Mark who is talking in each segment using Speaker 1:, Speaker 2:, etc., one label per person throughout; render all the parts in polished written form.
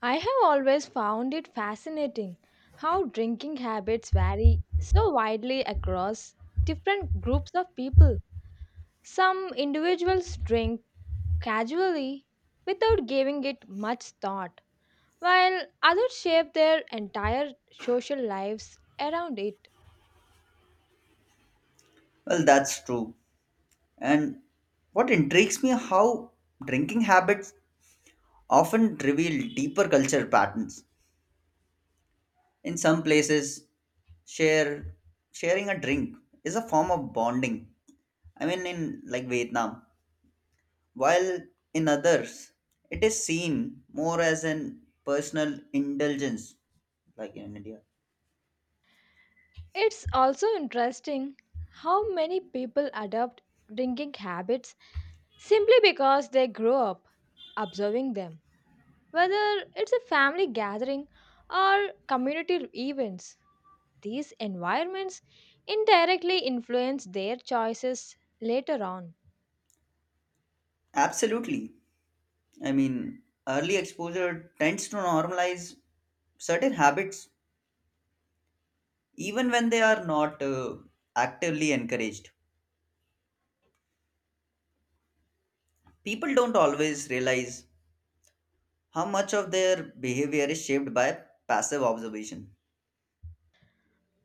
Speaker 1: I have always found it fascinating how drinking habits vary so widely across different groups of people. Some individuals drink casually without giving it much thought, while others shape their entire social lives around it.
Speaker 2: Well, that's true. And what intrigues me how drinking habits often reveal deeper culture patterns. In some places, share sharing a drink is a form of bonding. I mean in like Vietnam, while in others it is seen more as an personal indulgence like in India.
Speaker 1: It's also interesting how many people adopt drinking habits simply because they grow up observing them. Whether it's a family gathering or community events, these environments indirectly influence their choices later on.
Speaker 2: Absolutely. I mean, early exposure tends to normalize certain habits even when they are not actively encouraged. People don't always realize how much of their behavior is shaped by passive observation.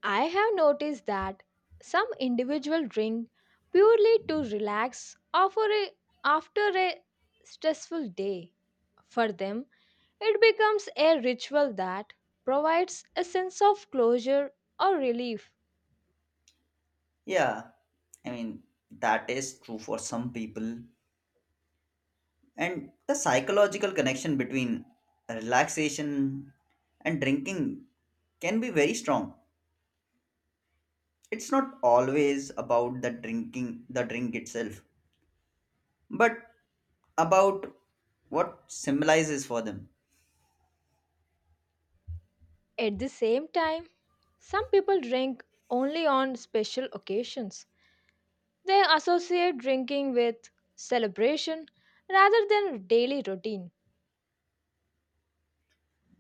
Speaker 1: I have noticed that some individuals drink purely to relax after a stressful day. For them, it becomes a ritual that provides a sense of closure or relief.
Speaker 2: Yeah, I mean, that is true for some people. And the psychological connection between relaxation and drinking can be very strong. It's not always about the drink itself, but about what symbolizes for them.
Speaker 1: At the same time, some people drink only on special occasions. They associate drinking with celebration rather than daily routine.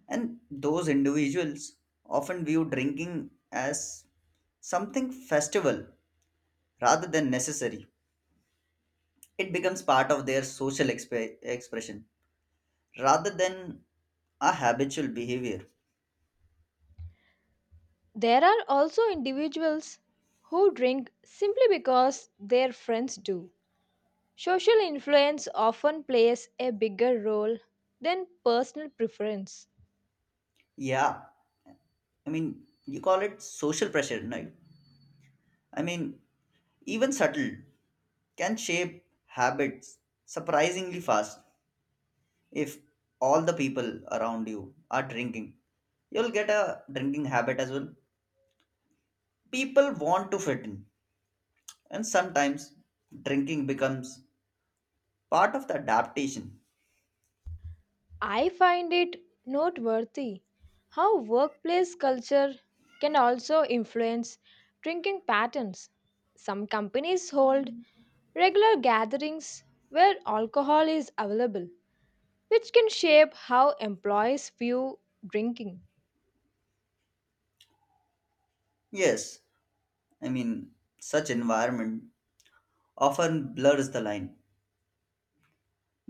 Speaker 2: And those individuals often view drinking as something festival rather than necessary. It becomes part of their social expression rather than a habitual behavior.
Speaker 1: There are also individuals who drink simply because their friends do. Social influence often plays a bigger role than personal preference.
Speaker 2: Yeah, I mean, you call it social pressure, right? I mean, even subtle can shape habits surprisingly fast. If all the people around you are drinking, you'll get a drinking habit as well. People want to fit in, and sometimes drinking becomes part of the adaptation.
Speaker 1: I find it noteworthy how workplace culture can also influence drinking patterns. Some companies hold regular gatherings where alcohol is available, which can shape how employees view drinking.
Speaker 2: Yes, I mean, such environment often blurs the line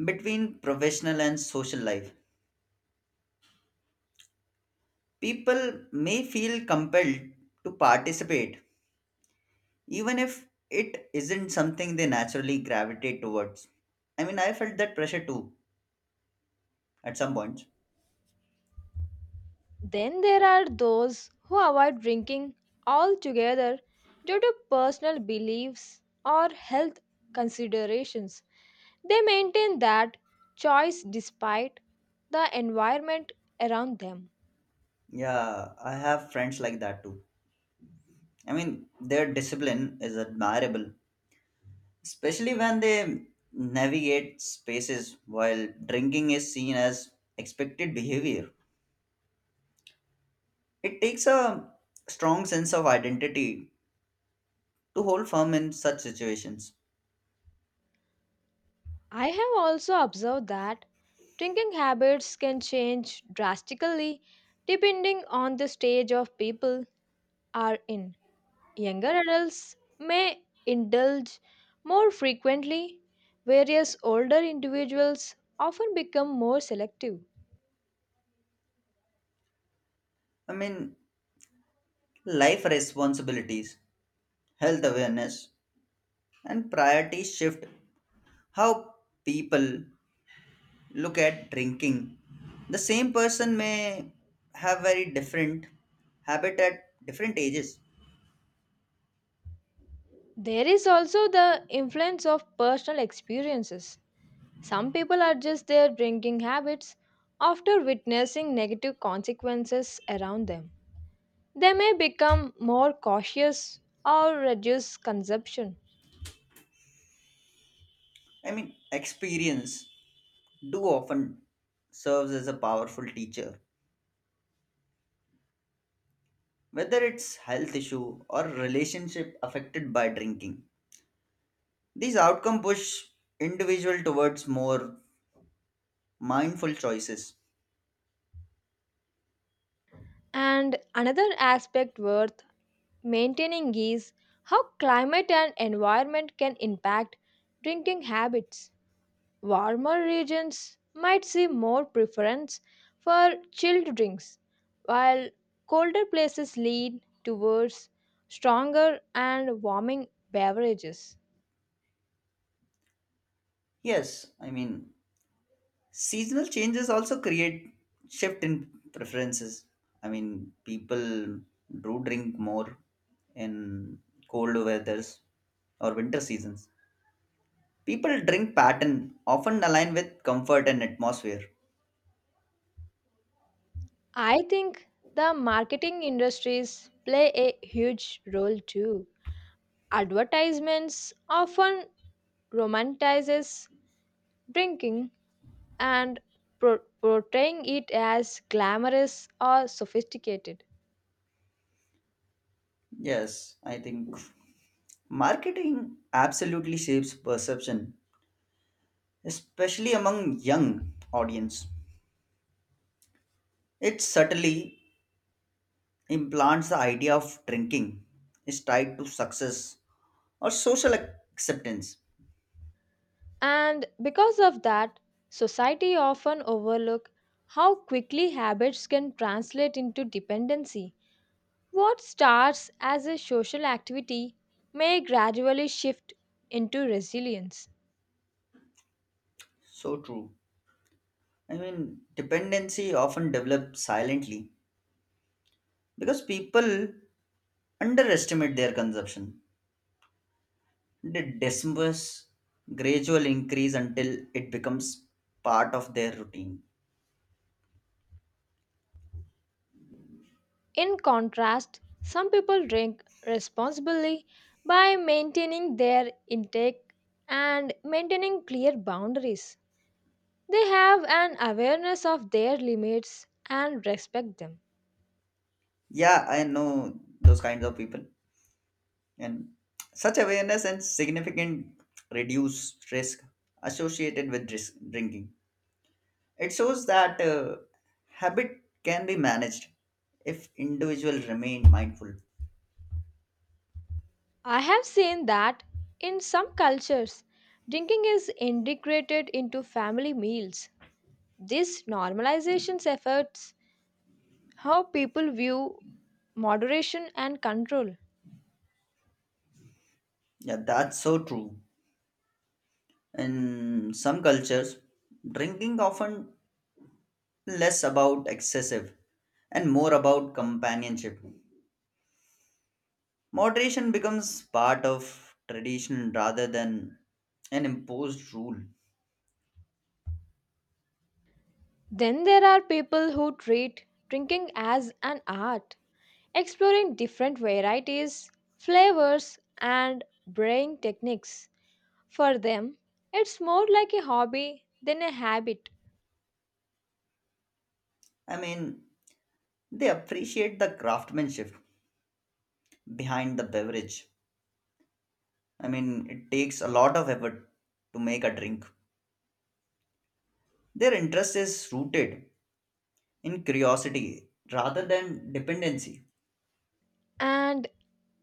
Speaker 2: between professional and social life. People may feel compelled to participate even if it isn't something they naturally gravitate towards. I mean, I felt that pressure too at some point.
Speaker 1: Then there are those who avoid drinking altogether due to personal beliefs or health considerations. They maintain that choice despite the environment around them.
Speaker 2: Yeah, I have friends like that too. I mean, their discipline is admirable, especially when they navigate spaces while drinking is seen as expected behavior. It takes a strong sense of identity to hold firm in such situations.
Speaker 1: I have also observed that drinking habits can change drastically depending on the stage of people are in. Younger adults may indulge more frequently, whereas older individuals often become more selective.
Speaker 2: I mean, life responsibilities, health awareness, and priorities shift how people look at drinking. The same person may have very different habit at different ages.
Speaker 1: There is also the influence of personal experiences. Some people adjust their drinking habits after witnessing negative consequences around them. They may become more cautious or reduce consumption.
Speaker 2: I mean, experience do often serves as a powerful teacher, whether it's health issue or relationship affected by drinking. These outcome push individual towards more mindful choices.
Speaker 1: And another aspect worth maintaining is how climate and environment can impact drinking habits. Warmer regions might see more preference for chilled drinks, while colder places lean towards stronger and warming beverages.
Speaker 2: Yes, I mean seasonal changes also create shift in preferences. I mean people do drink more in cold weathers or winter seasons. People drink pattern often align with comfort and atmosphere.
Speaker 1: I think the marketing industries play a huge role too. Advertisements often romanticizes drinking and portraying it as glamorous or sophisticated.
Speaker 2: Yes, I think marketing absolutely shapes perception, especially among young audience. It subtly implants the idea of drinking is tied to success or social acceptance.
Speaker 1: And because of that, society often overlook how quickly habits can translate into dependency. What starts as a social activity may gradually shift into resilience.
Speaker 2: So true. I mean, dependency often develops silently because people underestimate their consumption. They dismiss gradual increase until it becomes part of their routine.
Speaker 1: In contrast, some people drink responsibly by maintaining their intake and maintaining clear boundaries. They have an awareness of their limits and respect them.
Speaker 2: Yeah, I know those kinds of people. And such awareness and significant reduce risk associated with risk drinking. It shows that habit can be managed if individuals remain mindful.
Speaker 1: I have seen that in some cultures, drinking is integrated into family meals. This normalization efforts how people view moderation and control.
Speaker 2: Yeah, that's so true. In some cultures, drinking often less about excessive and more about companionship. Moderation becomes part of tradition rather than an imposed rule.
Speaker 1: Then there are people who treat drinking as an art, exploring different varieties, flavors, and brewing techniques. For them, it's more like a hobby than a habit.
Speaker 2: I mean, they appreciate the craftsmanship behind the beverage. I mean, it takes a lot of effort to make a drink. Their interest is rooted in curiosity rather than dependency.
Speaker 1: And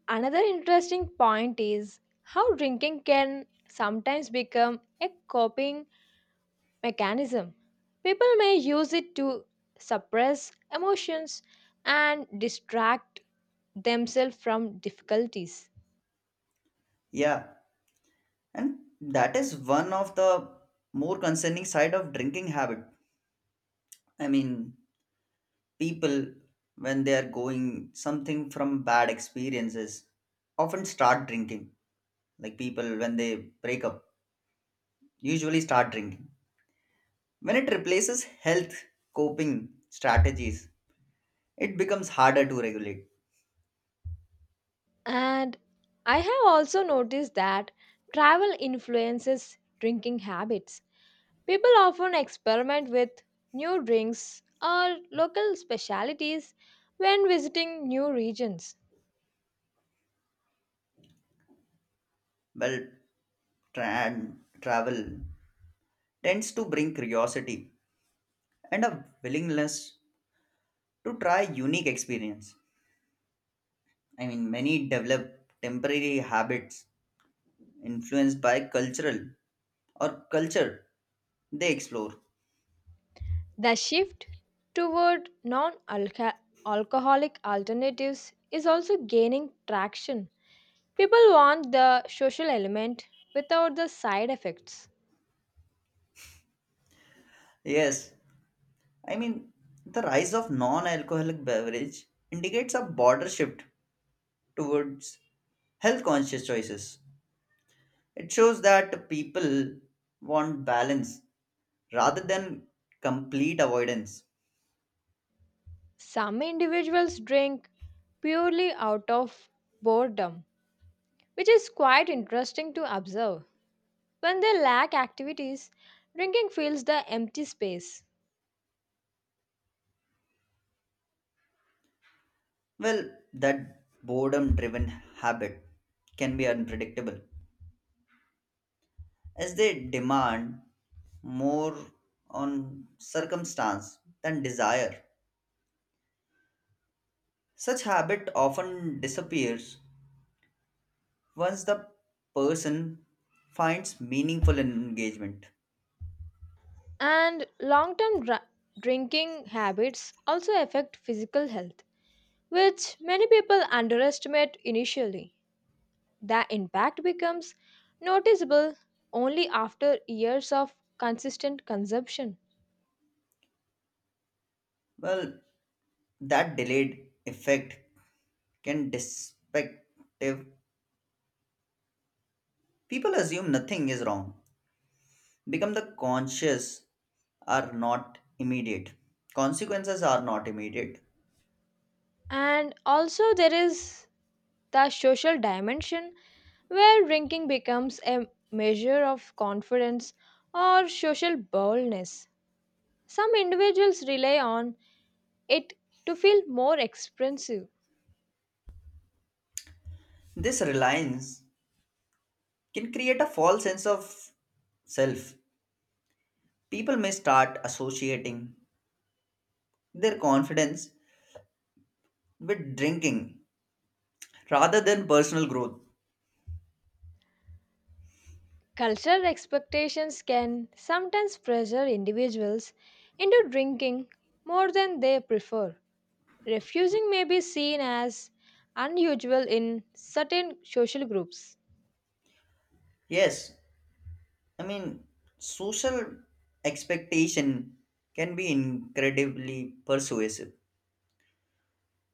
Speaker 1: another interesting point is how drinking can sometimes become a coping mechanism. People may use it to suppress emotions and distract themselves from difficulties.
Speaker 2: Yeah, and that is one of the more concerning side of drinking habit. I mean, people when they are going something from bad experiences often start drinking. Like people when they break up, usually start drinking. When it replaces health coping strategies, it becomes harder to regulate.
Speaker 1: And I have also noticed that travel influences drinking habits. People often experiment with new drinks or local specialties when visiting new regions.
Speaker 2: Well, tra- travel tends to bring curiosity and a willingness to try unique experience. I mean, many develop temporary habits influenced by cultural or culture they explore.
Speaker 1: The shift toward non alcoholic alternatives is also gaining traction. People want the social element without the side effects.
Speaker 2: Yes, I mean, the rise of non-alcoholic beverage indicates a border shift towards health conscious choices. It shows that people want balance rather than complete avoidance.
Speaker 1: Some individuals drink purely out of boredom, which is quite interesting to observe. When they lack activities, drinking fills the empty space.
Speaker 2: Well, that boredom driven habit can be unpredictable as they demand more on circumstance than desire. Such habit often disappears once the person finds meaningful engagement.
Speaker 1: And long term drinking habits also affect physical health, which many people underestimate initially. The impact becomes noticeable only after years of consistent consumption.
Speaker 2: Well, that delayed effect can destructive. People assume nothing is wrong. Become the conscious are not immediate. Consequences are not immediate.
Speaker 1: And also, there is the social dimension where drinking becomes a measure of confidence or social boldness. Some individuals rely on it to feel more expressive.
Speaker 2: This reliance can create a false sense of self. People may start associating their confidence with drinking rather than personal growth.
Speaker 1: Cultural expectations can sometimes pressure individuals into drinking more than they prefer. Refusing may be seen as unusual in certain social groups.
Speaker 2: Yes, I mean, social expectation can be incredibly persuasive.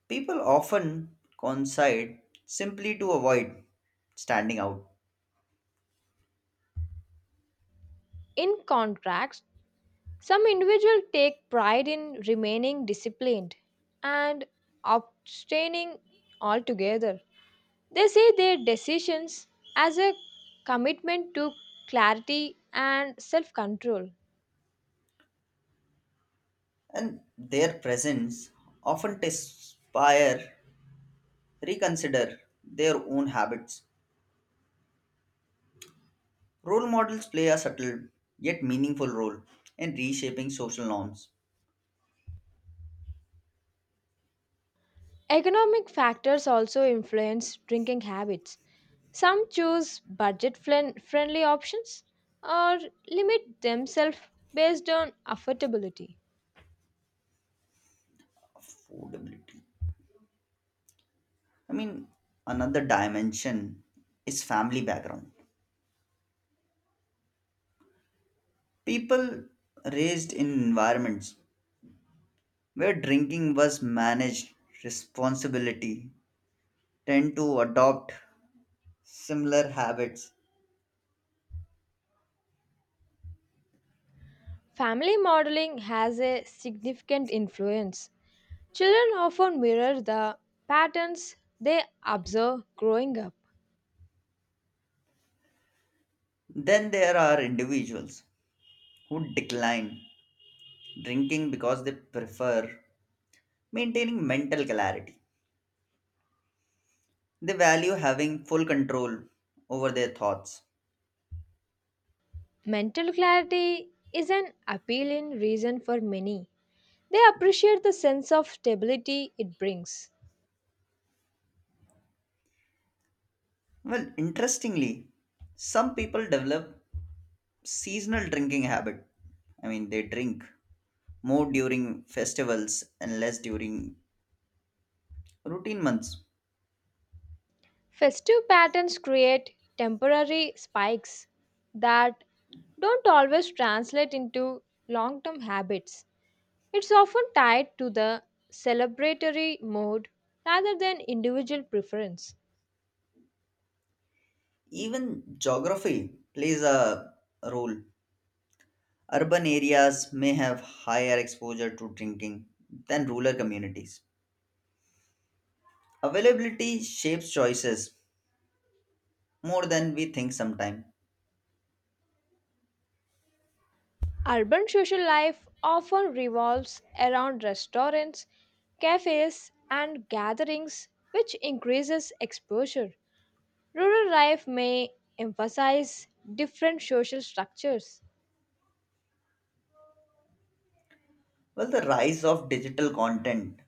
Speaker 2: People often coincide simply to avoid standing out,
Speaker 1: In contrast, some individuals take pride in remaining disciplined and abstaining altogether. They see their decisions as a commitment to clarity and self control.
Speaker 2: and their presence often inspire reconsider their own habits. Role models play a subtle yet meaningful role in reshaping social norms.
Speaker 1: Economic factors also influence drinking habits. Some choose friendly options or limit themselves based on affordability.
Speaker 2: Affordability. I mean, another dimension is family background. People raised in environments where drinking was managed responsibility tend to adopt similar habits.
Speaker 1: Family modeling has a significant influence. Children often mirror the patterns they observe growing up.
Speaker 2: Then there are individuals who decline drinking because they prefer maintaining mental clarity. They value having full control over their thoughts.
Speaker 1: Mental clarity is an appealing reason for many. They appreciate the sense of stability it brings.
Speaker 2: Well, interestingly, some people develop seasonal drinking habit. I mean, they drink more during festivals and less during routine months.
Speaker 1: Festive patterns create temporary spikes that don't always translate into long term habits. It's often tied to the celebratory mode rather than individual preference.
Speaker 2: Even geography plays a role. Urban areas may have higher exposure to drinking than rural communities. Availability shapes choices more than we think sometimes.
Speaker 1: Urban social life often revolves around restaurants, cafes, and gatherings, which increases exposure. Rural life may emphasize different social structures.
Speaker 2: Well, the rise of digital content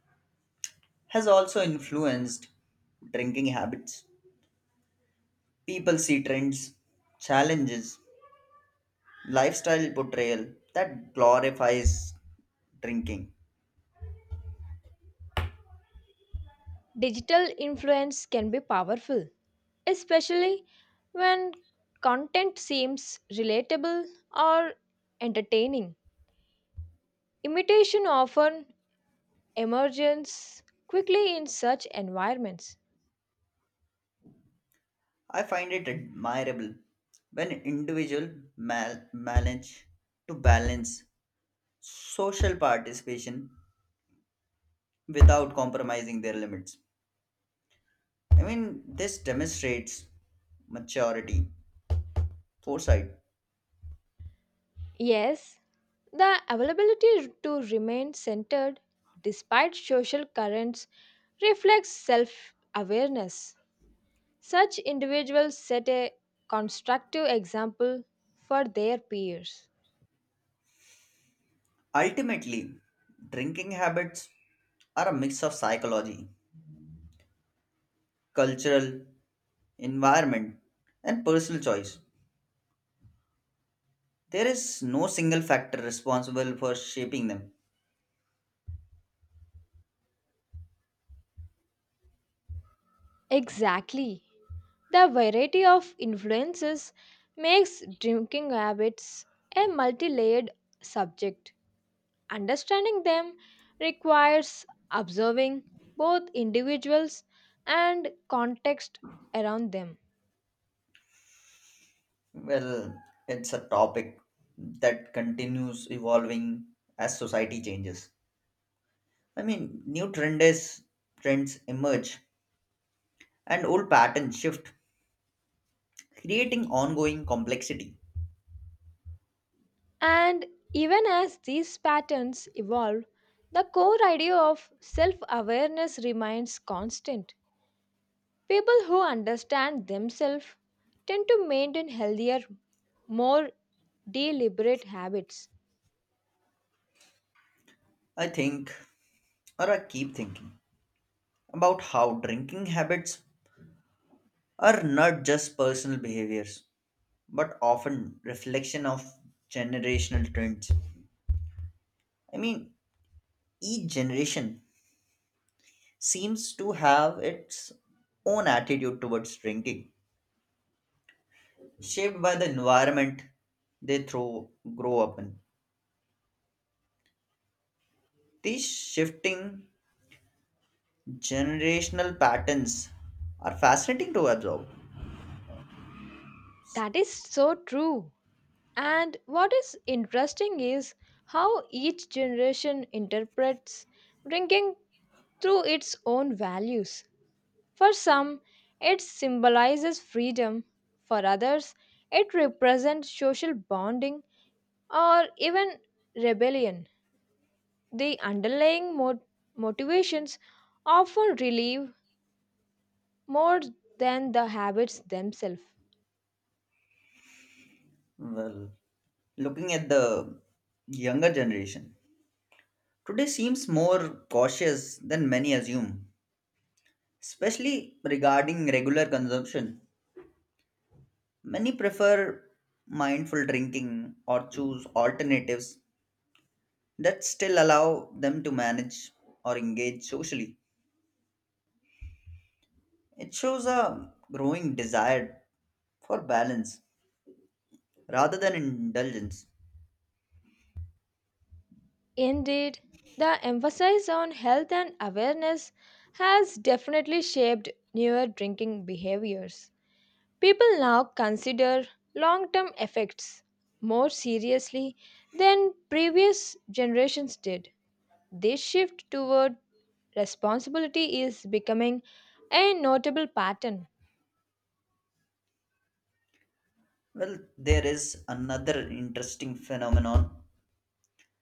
Speaker 2: has also influenced drinking habits. People see trends, challenges, lifestyle portrayal that glorifies drinking.
Speaker 1: Digital influence can be powerful, especially when content seems relatable or entertaining. Imitation often emerges quickly in such environments.
Speaker 2: I find it admirable when individual manage to balance social participation without compromising their limits. I mean, this demonstrates maturity, foresight.
Speaker 1: Yes, the availability to remain centered despite social currents reflects self awareness. Such individuals set a constructive example for their peers.
Speaker 2: Ultimately, drinking habits are a mix of psychology, cultural, environment, and personal choice. There is no single factor responsible for shaping them.
Speaker 1: Exactly. The variety of influences makes drinking habits a multi layered subject. Understanding them requires observing both individuals and context around them.
Speaker 2: Well, it's a topic that continues evolving as society changes. I mean, trends emerge and old patterns shift, creating ongoing complexity.
Speaker 1: And even as these patterns evolve, the core idea of self awareness remains constant. People who understand themselves tend to maintain healthier, more deliberate habits.
Speaker 2: I think, I keep thinking about how drinking habits are not just personal behaviors, but often reflection of generational trends. I mean, each generation seems to have its own attitude towards drinking, shaped by the environment they throw, grow up in. These shifting generational patterns are fascinating to observe.
Speaker 1: That is so true. And what is interesting is how each generation interprets drinking through its own values. For some, it symbolizes freedom, for others, it represents social bonding or even rebellion. The underlying motivations often relieve more than the habits themselves.
Speaker 2: Well, looking at the younger generation, today seems more cautious than many assume, especially regarding regular consumption. Many prefer mindful drinking or choose alternatives that still allow them to manage or engage socially. It shows a growing desire for balance rather than indulgence.
Speaker 1: Indeed, the emphasis on health and awareness has definitely shaped newer drinking behaviors. People now consider long term effects more seriously than previous generations did. This shift toward responsibility is becoming a notable pattern.
Speaker 2: Well, there is another interesting phenomenon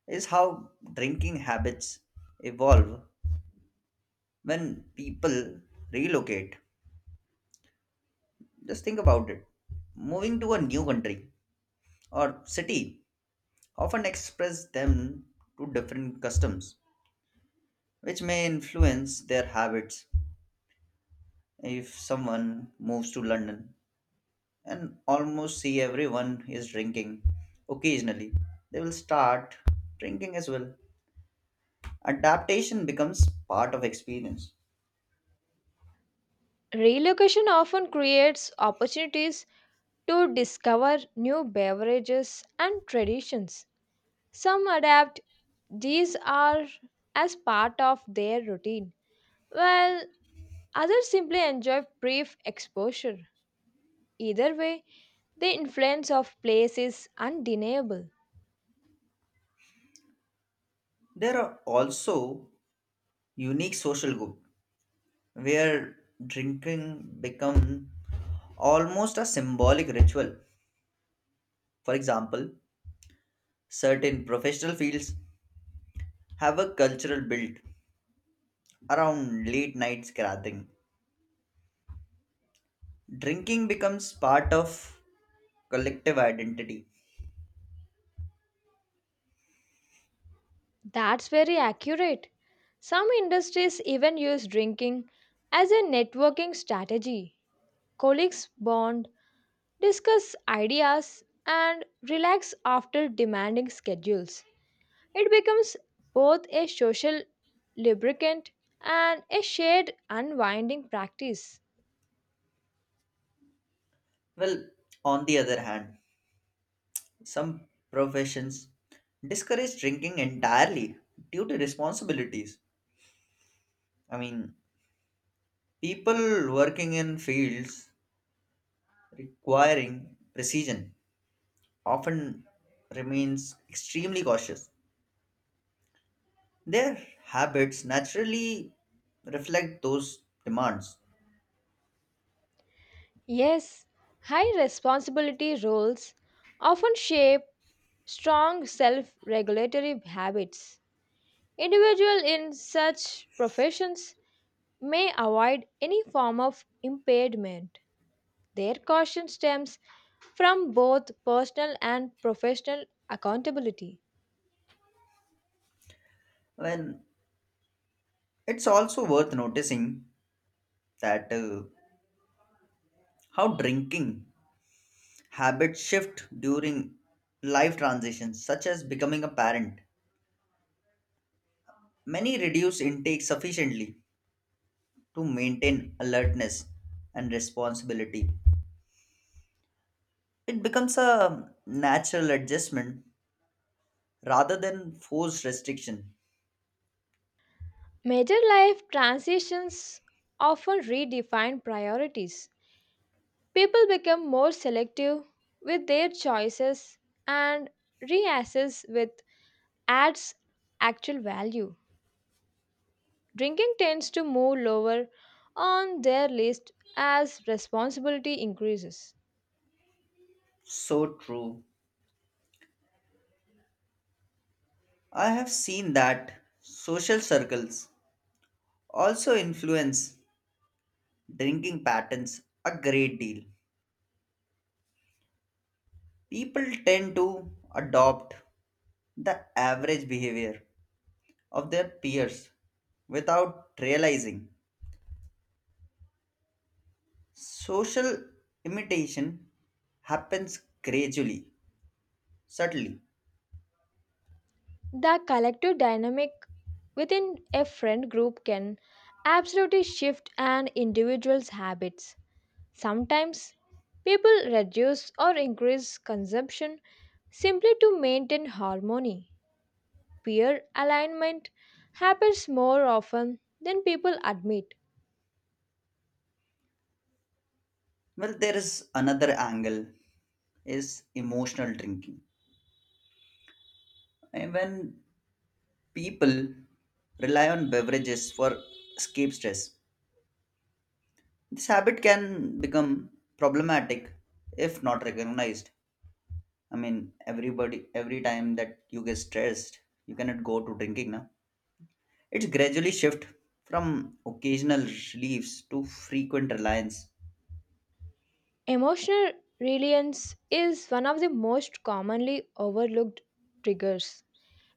Speaker 2: is how drinking habits evolve when people relocate. Just think about it. Moving to a new country or city often express them to different customs, which may influence their habits. If someone moves to London and almost see everyone is drinking occasionally, they will start drinking as well. Adaptation becomes part of experience.
Speaker 1: Relocation often creates opportunities to discover new beverages and traditions. Some adapt These are as part of their routine, while others simply enjoy brief exposure. Either way, the influence of place is undeniable.
Speaker 2: There are also unique social group where drinking become almost a symbolic ritual. For example, certain professional fields have a cultural build around late night scrapping. Drinking becomes part of collective identity.
Speaker 1: That's very accurate. Some industries even use drinking as a networking strategy. Colleagues bond, discuss ideas, and relax after demanding schedules. It becomes both a social lubricant and a shared unwinding practice.
Speaker 2: Well, on the other hand, some professions discourage drinking entirely due to responsibilities. I mean, people working in fields requiring precision often remains extremely cautious. Their habits naturally reflect those demands.
Speaker 1: Yes, high responsibility roles often shape strong self regulatory habits. Individuals in such professions may avoid any form of impairment. Their caution stems from both personal and professional accountability.
Speaker 2: When it's also worth noticing that how drinking habits shift during life transitions, such as becoming a parent. Many reduce intake sufficiently to maintain alertness and responsibility. It becomes a natural adjustment rather than forced restriction.
Speaker 1: Major life transitions often redefine priorities. People become more selective with their choices and reassess with adds actual value. Drinking tends to move lower on their list as responsibility increases.
Speaker 2: So true. I have seen that social circles also influence drinking patterns a great deal. People tend to adopt the average behavior of their peers without realizing. Social imitation happens gradually, subtly.
Speaker 1: The collective dynamic within a friend group can absolutely shift an individual's habits. Sometimes people reduce or increase consumption simply to maintain harmony. Peer alignment happens more often than people admit.
Speaker 2: Well, there is another angle is emotional drinking. And when people rely on beverages for escape stress, this habit can become problematic if not recognized. I mean, everybody, every time that you get stressed, you cannot go to drinking now. It's gradually shift from occasional reliefs to frequent reliance.
Speaker 1: Emotional reliance is one of the most commonly overlooked triggers.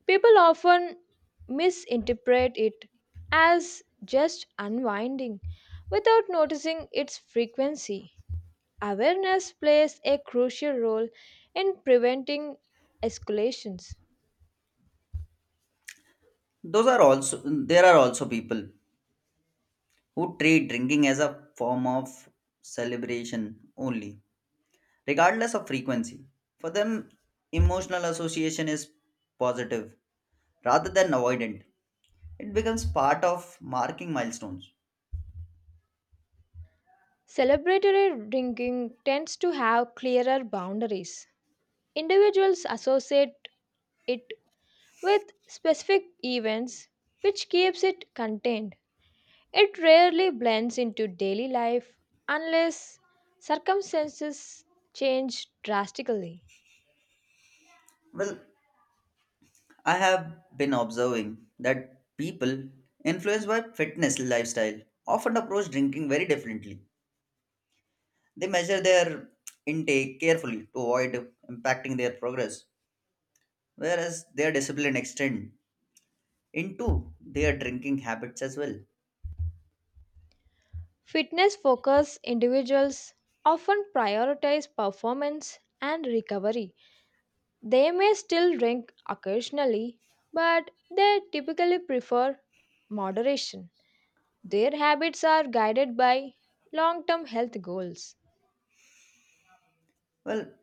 Speaker 1: People often misinterpret it as just unwinding without noticing its frequency. Awareness plays a crucial role in preventing escalations.
Speaker 2: Those are also there are also people who treat drinking as a form of celebration only, regardless of frequency. For them, emotional association is positive rather than avoidant. It becomes part of marking milestones.
Speaker 1: Celebratory drinking tends to have clearer boundaries. Individuals associate it with specific events, which keeps it contained. It rarely blends into daily life unless circumstances change drastically.
Speaker 2: Well, I have been observing that people influenced by fitness lifestyle often approach drinking very differently. They measure their intake carefully to avoid impacting their progress, whereas their discipline extend into their drinking habits as well.
Speaker 1: Fitness focused individuals often prioritize performance and recovery. They may still drink occasionally, but they typically prefer moderation. Their habits are guided by long term health goals.
Speaker 2: Well,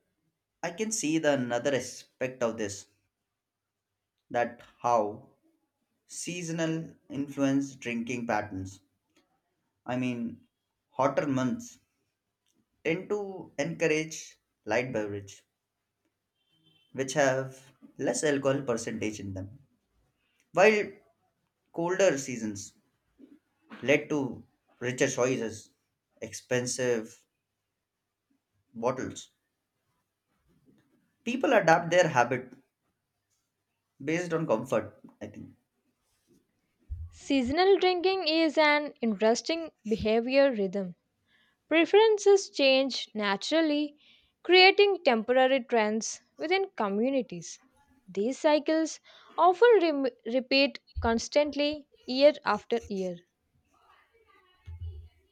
Speaker 2: I can see the another aspect of this that how seasonal influence drinking patterns. I mean, hotter months tend to encourage light beverage which have less alcohol percentage in them, while colder seasons led to richer choices, expensive bottles. People adapt their habit based on comfort, I think.
Speaker 1: Seasonal drinking is an interesting behavior rhythm. Preferences change naturally, creating temporary trends within communities. These cycles often repeat constantly year after year.